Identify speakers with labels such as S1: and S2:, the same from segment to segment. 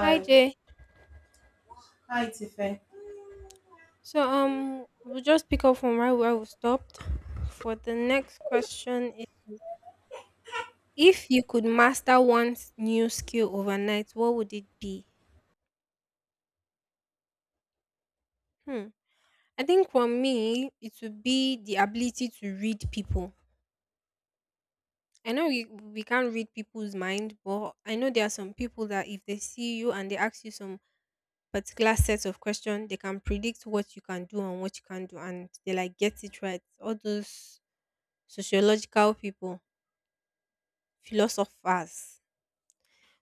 S1: Hi Jay.
S2: Hi, Tife.
S1: So we'll just pick up from right where we stopped. For the next question is if you could master one new skill overnight, what would it be? Hmm. I think for me it would be the ability to read people. I know we can't read people's mind, but I know there are some people that if they see you and they ask you some particular sets of questions, they can predict what you can do and what you can't do and they like get it right. All those sociological people philosophers.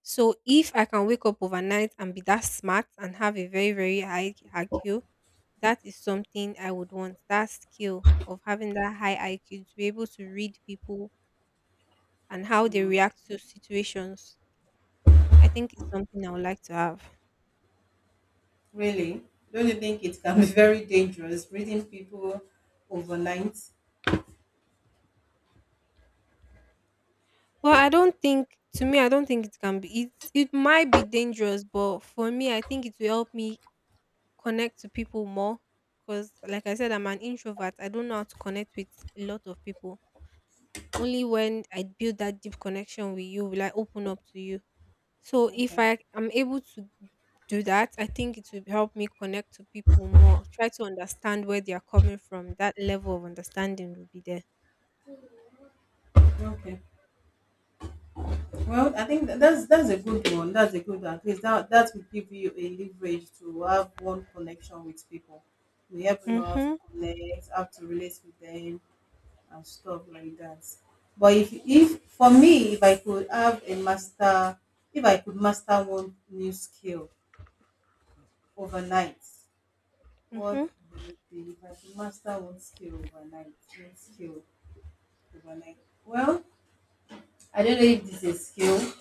S1: So if I can wake up overnight and be that smart and have a very, very high IQ, that is something I would want. That skill of having that high IQ to be able to read people and how they react to situations. I think it's something I would like to have.
S2: Really? Don't you think it can be very dangerous reading people overnight?
S1: Well, I don't think to me, I don't think it can be it might be dangerous, but for me, I think it will help me connect to people more. Because like I said, I'm an introvert. I don't know how to connect with a lot of people. Only when I build that deep connection with you will I open up to you. So if
S2: Okay.
S1: I am able to do that, I think it will help me connect to people more. Try to understand where they are coming from. That level of understanding will be there.
S2: Okay. Well, I think that's a good one. That's a good one. At least that will give you a leverage to have one connection with people. We have to know how to
S1: Mhm.
S2: connect, how to relate with them, and stuff like that. But if for me, if I could have a master, if I could master one new skill overnight, what
S1: Mhm.
S2: would it be? If I could master one skill overnight, one skill overnight. Well, I don't know if this is a skill.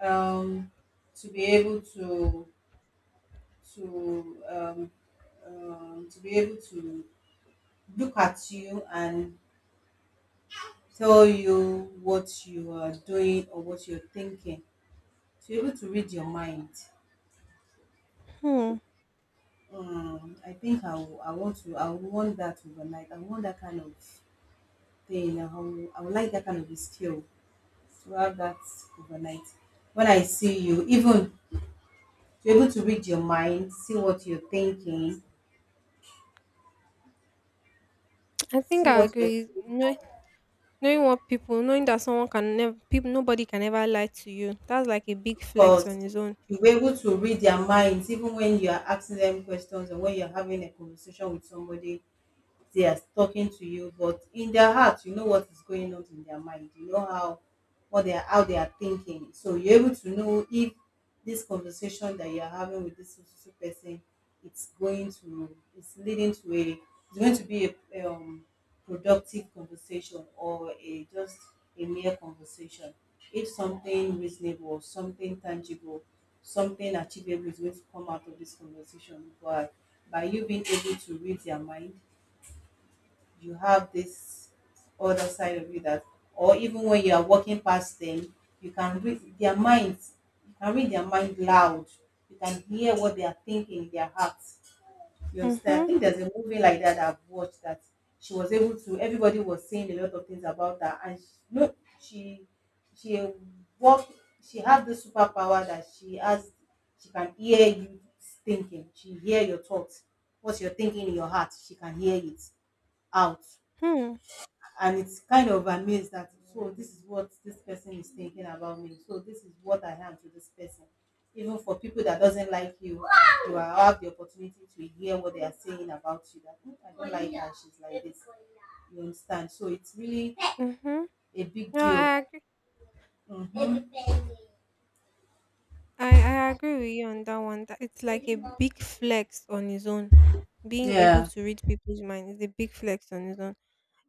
S2: Um, to be able to to um, to be able to look at you and tell you what you are doing or what you're thinking. To be able to read your mind,
S1: Hmm.
S2: I think I would want that overnight. I want that kind of thing. I would like that kind of a skill to have that overnight. When I see you, even to be able to read your mind, see what you're thinking,
S1: I think
S2: see
S1: I
S2: what your
S1: agree. Knowing what people, knowing that someone can never, people, nobody can ever lie to you. That's like a big flex on
S2: thoughts,
S1: his own.
S2: you were able to read their minds even when you are asking them questions or when you're having a conversation with somebody. They are talking to you, but in their heart you know what is going on in their mind, you know how what they are, how they are thinking, so you're able to know if this conversation that you're having with this so person, it's leading to a, it's going to be a productive conversation or a just a mere conversation, if something reasonable, something tangible, something achievable is going to come out of this conversation by you being able to read their mind. You have this other side of you that, or even when you are walking past them, you can read their minds. You can read their mind loud. You can hear what they are thinking in their hearts. You understand? I
S1: Mhm.
S2: think there's a movie like that I've watched that she was able to. Everybody was saying a lot of things about her, and she, no, she she walked. She had the superpower that she has. She can hear you thinking. She hear your thoughts. What you're thinking in your heart, she can hear it out,
S1: Hmm.
S2: and it's kind of amazed that so this is what this person is thinking about me, so this is what I am to this person. Even for people that doesn't like you, have the opportunity to hear what they are saying about you, that "Hmm, I don't like her, she's like this." You understand? So it's really
S1: Mhm.
S2: a big
S1: No,
S2: deal.
S1: I agree.
S2: Mhm.
S1: I agree with you on that one. That it's like a big flex on his own. Being able
S2: Yeah,
S1: to read people's mind is a big flex on his own.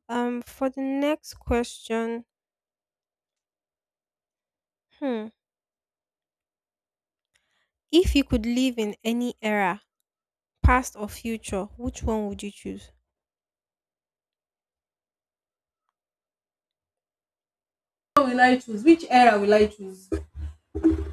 S1: For the next question, hmm, if you could live in any era, past or future, which one would you choose?
S2: so will I choose, which era will I choose?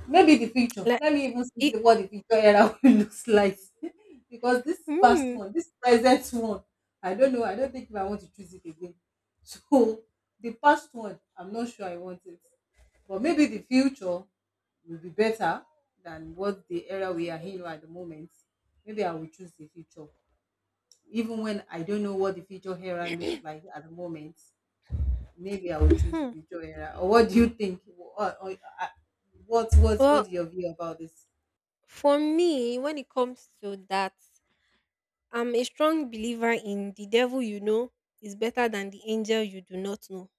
S2: Maybe the picture.
S1: Like
S2: Let me even see
S1: it.
S2: what the picture era will looks like. Because this past
S1: Mm.
S2: one, this present one, I don't know. I don't think if I want to choose it again. So the past one, I'm not sure I want it. But maybe the future will be better than what the era we are in right at the moment. Maybe I will choose the future. Even when I don't know what the future era looks like at the moment, maybe I would choose the
S1: Hmm.
S2: Victor era. Or what do you think? Uh, what what
S1: Well,
S2: what's your view about this?
S1: for me, when it comes to that, I'm a strong believer in the devil you know is better than the angel you do not know.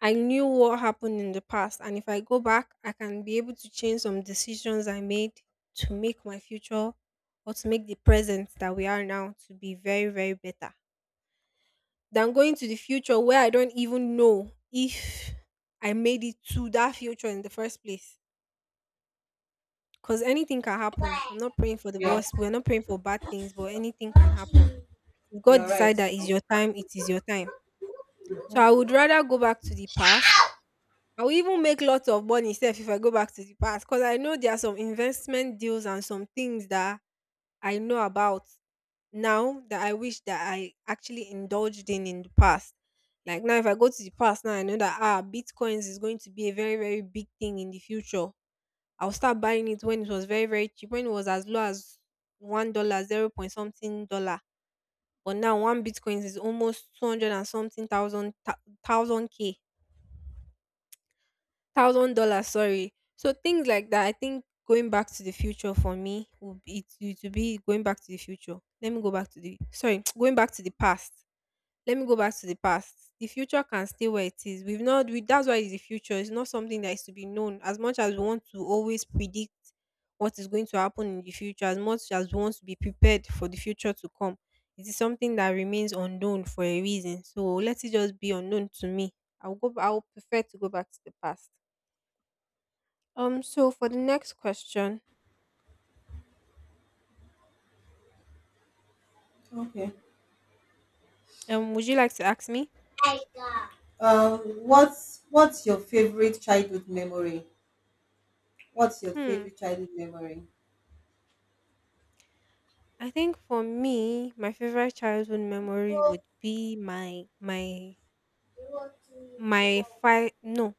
S1: I knew what happened in the past, and if I go back, I can be able to change some decisions I made to make my future or to make the present that we are now to be very, very better than going to the future where I don't even know if I made it to that future in the first place. Because anything can happen. I'm not praying for the
S2: Yeah,
S1: worst. We're not praying for bad things, but anything can happen. If God
S2: you're right.
S1: decide that it's your time, it is your time. So I
S2: Mhm.
S1: would rather go back to the past. I will even make lots of money sef if I go back to the past because I know there are some investment deals and some things that I know about now that I wish that I actually indulged in the past. Like now, if I go to the past now, I know that bitcoins is going to be a very very big thing in the future. I'll start buying it when it was very very cheap, when it was as low as $1, 0 point something dollar. But now one bitcoin is almost 200 and something thousand thousand k $1,000 sorry, so things like that. I think going back to the future for me would be it to be going back to the future, let me go back to the sorry, going back to the past, let me go back to the past. The future can stay where it is, we've not we, that's why it's the future. It's not something that is to be known. As much as we want to always predict what is going to happen in the future, as much as we want to be prepared for the future to come, it is something that remains unknown for a reason, so let it just be unknown to me. I will prefer to go back to the past. So for the next question,
S2: Okay.
S1: would you like to ask me?
S2: What's your favorite childhood memory? What's your
S1: Hmm.
S2: favorite childhood memory?
S1: I think for me, my favorite childhood memory would be my five. No,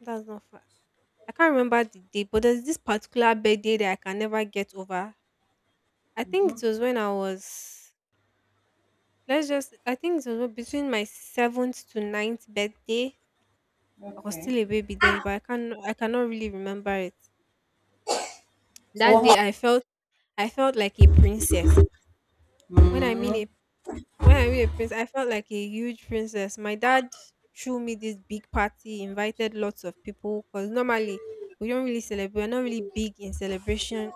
S1: that's not five. I can't remember the date, but there's this particular birthday that I can never get over. I think
S2: Mhm.
S1: it was when I was let's just. I think it was between my seventh to ninth birthday. I was
S2: Okay.
S1: still a baby then, but I cannot really remember it.
S2: So
S1: That
S2: what?
S1: day, I felt like a princess. When I mean
S2: Mm.
S1: a When I we a prince? I felt like a huge princess. My dad threw me this big party, invited lots of people because normally we don't really celebrate. We're not really big in celebration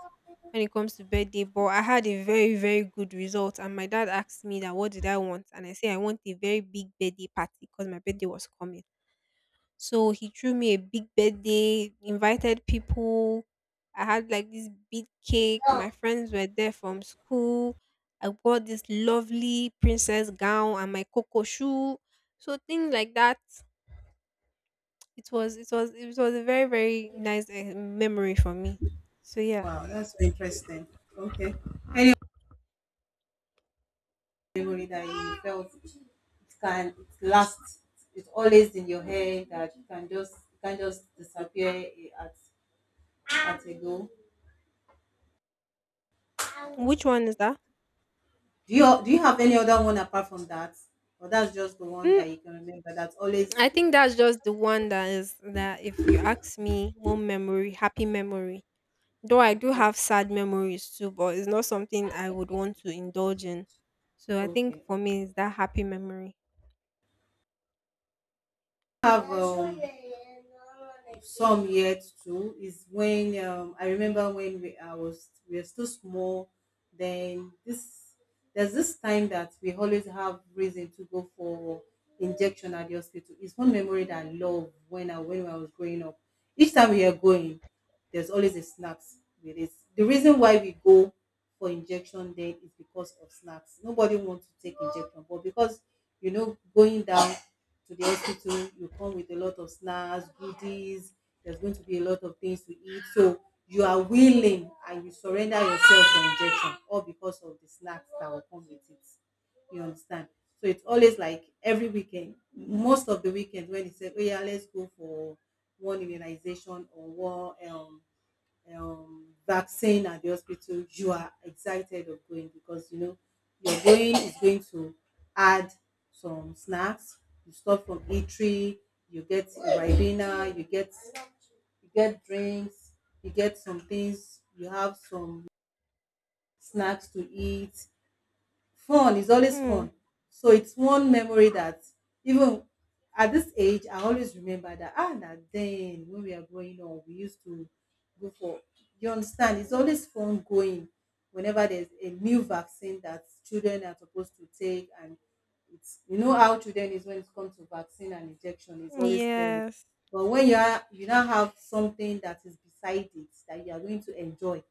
S1: when it comes to birthday, but I had a very, very good result. And my dad asked me that what did I want? And I said I want a very big birthday party because my birthday was coming. So he threw me a big birthday, invited people. I had like this big cake. My friends were there from school. I wore this lovely princess gown and my coco shoe. So things like that. It was a very very nice memory for me. So yeah,
S2: Wow, that's so interesting. Okay. Any memory that you felt it lasts, it's always in your head that you can just disappear, eh, at a go.
S1: which one is that?
S2: Do you do you have any other one apart from that, or that's just the one
S1: Mm,
S2: that you can remember that's
S1: I
S2: always.
S1: think that's just the one that is that if you ask me, one memory, happy memory. Though I do
S2: Okay,
S1: have sad memories too, but it's not something I would want to indulge in. So I think
S2: okay.
S1: for me it's that happy memory.
S2: Have some yet too is when I remember when we I was we were still small. Then this, there's this time that we always have reason to go for injection at the hospital. It's one memory that I love when I was growing up. Each time we are going, there's always a snacks with it. The reason why we go for injection then is because of snacks. Nobody wants to take injection, but because you know, going down to the hospital, you come with a lot of snacks, goodies, there's going to be a lot of things to eat. So you are willing and you surrender yourself for injection, all because of the snacks that will come with it. You understand? So it's always like every weekend, most of the weekends, when they say, oh yeah, let's go for one immunization or one vaccine at the hospital, you are excited of going because you know you're going is going to add some snacks. You stop from eatery, you get a ribena, you get drinks, you get some things, you have some snacks to eat. Fun is always
S1: Hmm.
S2: fun. So it's one memory that even at this age I always remember, that ah, now then when we are growing up we used to go for, you understand, it's always fun going whenever there's a new vaccine that children are supposed to take. And it's, you know how children is when it comes to vaccine and injection, it's always scary,
S1: Yes.
S2: but when you now have something that is beside it that you are going to enjoy,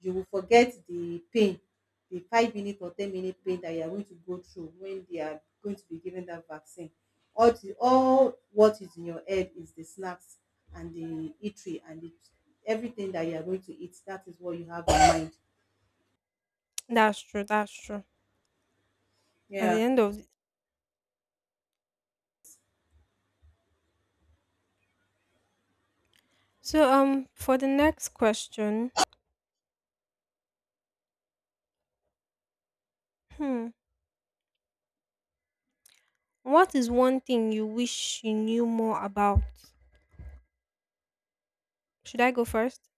S2: you will forget the pain, the 5 minute or 10 minute pain that you are going to go through when they are going to be given that vaccine. All what is in your head is the snacks and the eatery and the, everything that you are going to eat. That is what you have in mind.
S1: That's true, that's true. At the
S2: Yeah.
S1: end of the- So for the next question, hmm, what is one thing you wish you knew more about? Should I go first?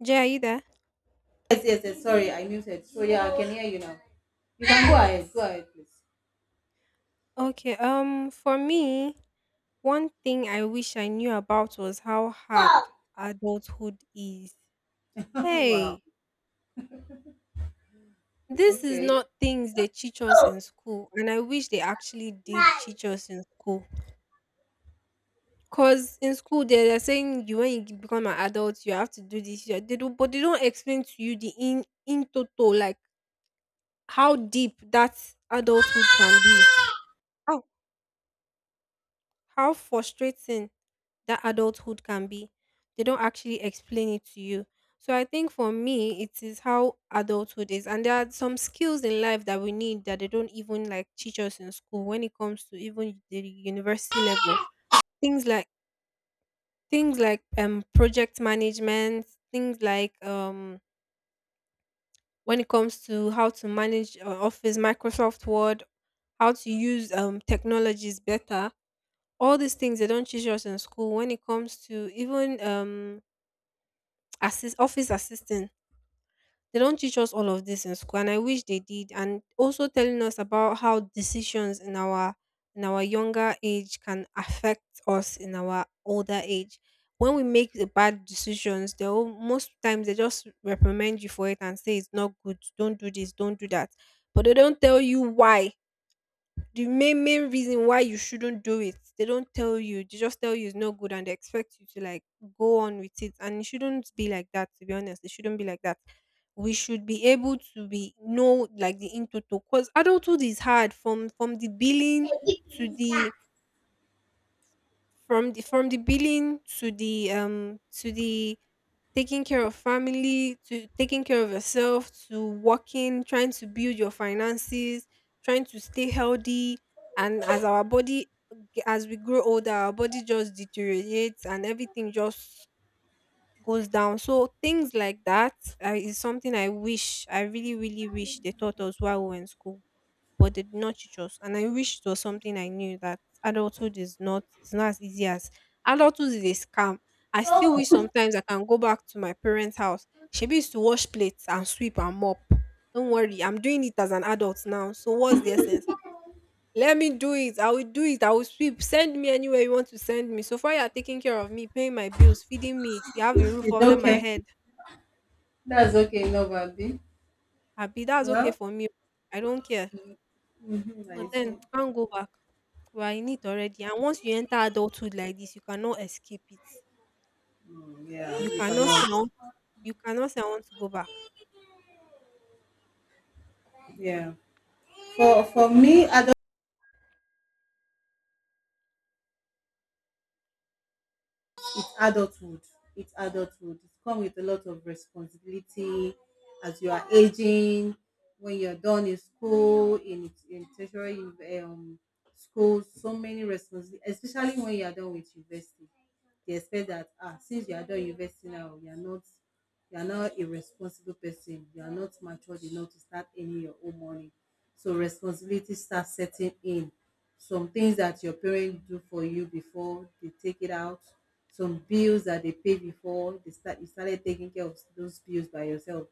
S1: Jay, are you there?
S2: Yes. Sorry, I muted. So yeah, I can hear you now. You can go ahead. Go ahead, please.
S1: Okay, for me, one thing I wish I knew about was how hard
S2: Wow.
S1: adulthood is.
S2: Wow.
S1: Hey, this is
S2: Okay.
S1: not things they teach us
S2: Oh
S1: in school, and I wish they actually did
S2: my.
S1: teach us in school. Cause in school they are saying you when you become an adult you have to do this. You have- They do, but they don't explain to you the in total like how deep that adulthood can be. How how frustrating that adulthood can be. They don't actually explain it to you. So I think for me, it is how adulthood is. And there are some skills in life that we need that they don't even like teach us in school when it comes to even the university level. Things like things like project management, things like when it comes to how to manage Office, Microsoft Word, how to use technologies better, all these things they don't teach us in school when it comes to even assist office assistant. They don't teach us all of this in school, and I wish they did. And also telling us about how decisions in our younger age can affect us in our older age. When we make the bad decisions, they will, most times they just reprimand you for it and say it's not good. Don't do this. Don't do that. But they don't tell you why the main main reason why you shouldn't do it, they don't tell you, they just tell you it's no good and they expect you to like go on with it, and it shouldn't be like that, to be honest, it shouldn't be like that. We should be able to be know like the into because adulthood is hard from the billing
S2: Can you
S1: to
S2: please that?
S1: the from the from the billing to the taking care of family, to taking care of yourself, to working, trying to build your finances, trying to stay healthy, and as our body as we grow older our body just deteriorates and everything just goes down, so things like that is something I really really wish they taught us while we were in school, but they did not teach us. And I wish it was something I knew that adulthood is not, it's not as easy as adulthood is a scam. I still
S2: Oh.
S1: wish sometimes I can go back to my parents' house. She used to wash plates and sweep and mop. Don't worry, I'm doing it as an adult now. So what's the essence? Let me do it. I will do it. I will sweep. Send me anywhere you want to send me. So far, you are taking care of me, paying my bills, feeding me. You have a roof
S2: It's
S1: under my
S2: okay.
S1: head.
S2: That's okay, No Novadi.
S1: Abi, that's okay
S2: Well,
S1: for me. I don't care.
S2: mm-hmm, I
S1: But then,
S2: see.
S1: can't go back. We are in it already, and once you enter adulthood like this, you cannot escape it.
S2: Mm, yeah,
S1: You
S2: you
S1: cannot say
S2: cannot.
S1: I want you cannot say I want to go back.
S2: Yeah. For me, at it's adulthood. It's adulthood. It's come with a lot of responsibility as you are aging. When you're done in school, in tertiary um, school, so many responsibilities, especially when you are done with university. They expect that ah, since you are done university now, you are not a responsible person. You are not matured enough to start earning your own money. So responsibility starts setting in. Some things that your parents do for you before, they take it out, some bills that they paid before, they start, you started taking care of those bills by yourself,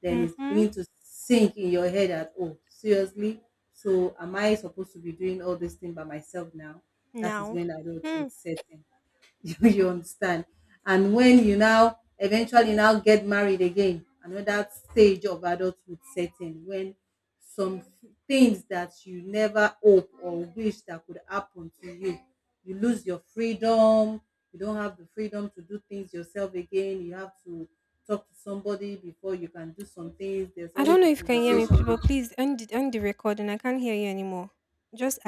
S2: then it's
S1: Mm-hmm.
S2: beginning to sink in your head that, oh seriously, so am I supposed to be doing all this thing by myself now? That is
S1: Now.
S2: when
S1: Hmm.
S2: adulthood set in. You understand? And when you now eventually now get married, again, another stage of adulthood setting when some things that you never hope or wish that could happen to you. You lose your freedom, you don't have the freedom to do things yourself again, you have to talk to somebody before you can do some things. There's
S1: I don't
S2: always
S1: know
S2: a
S1: if you can hear me,
S2: conversation
S1: but please end the recording. I can't hear you anymore. Just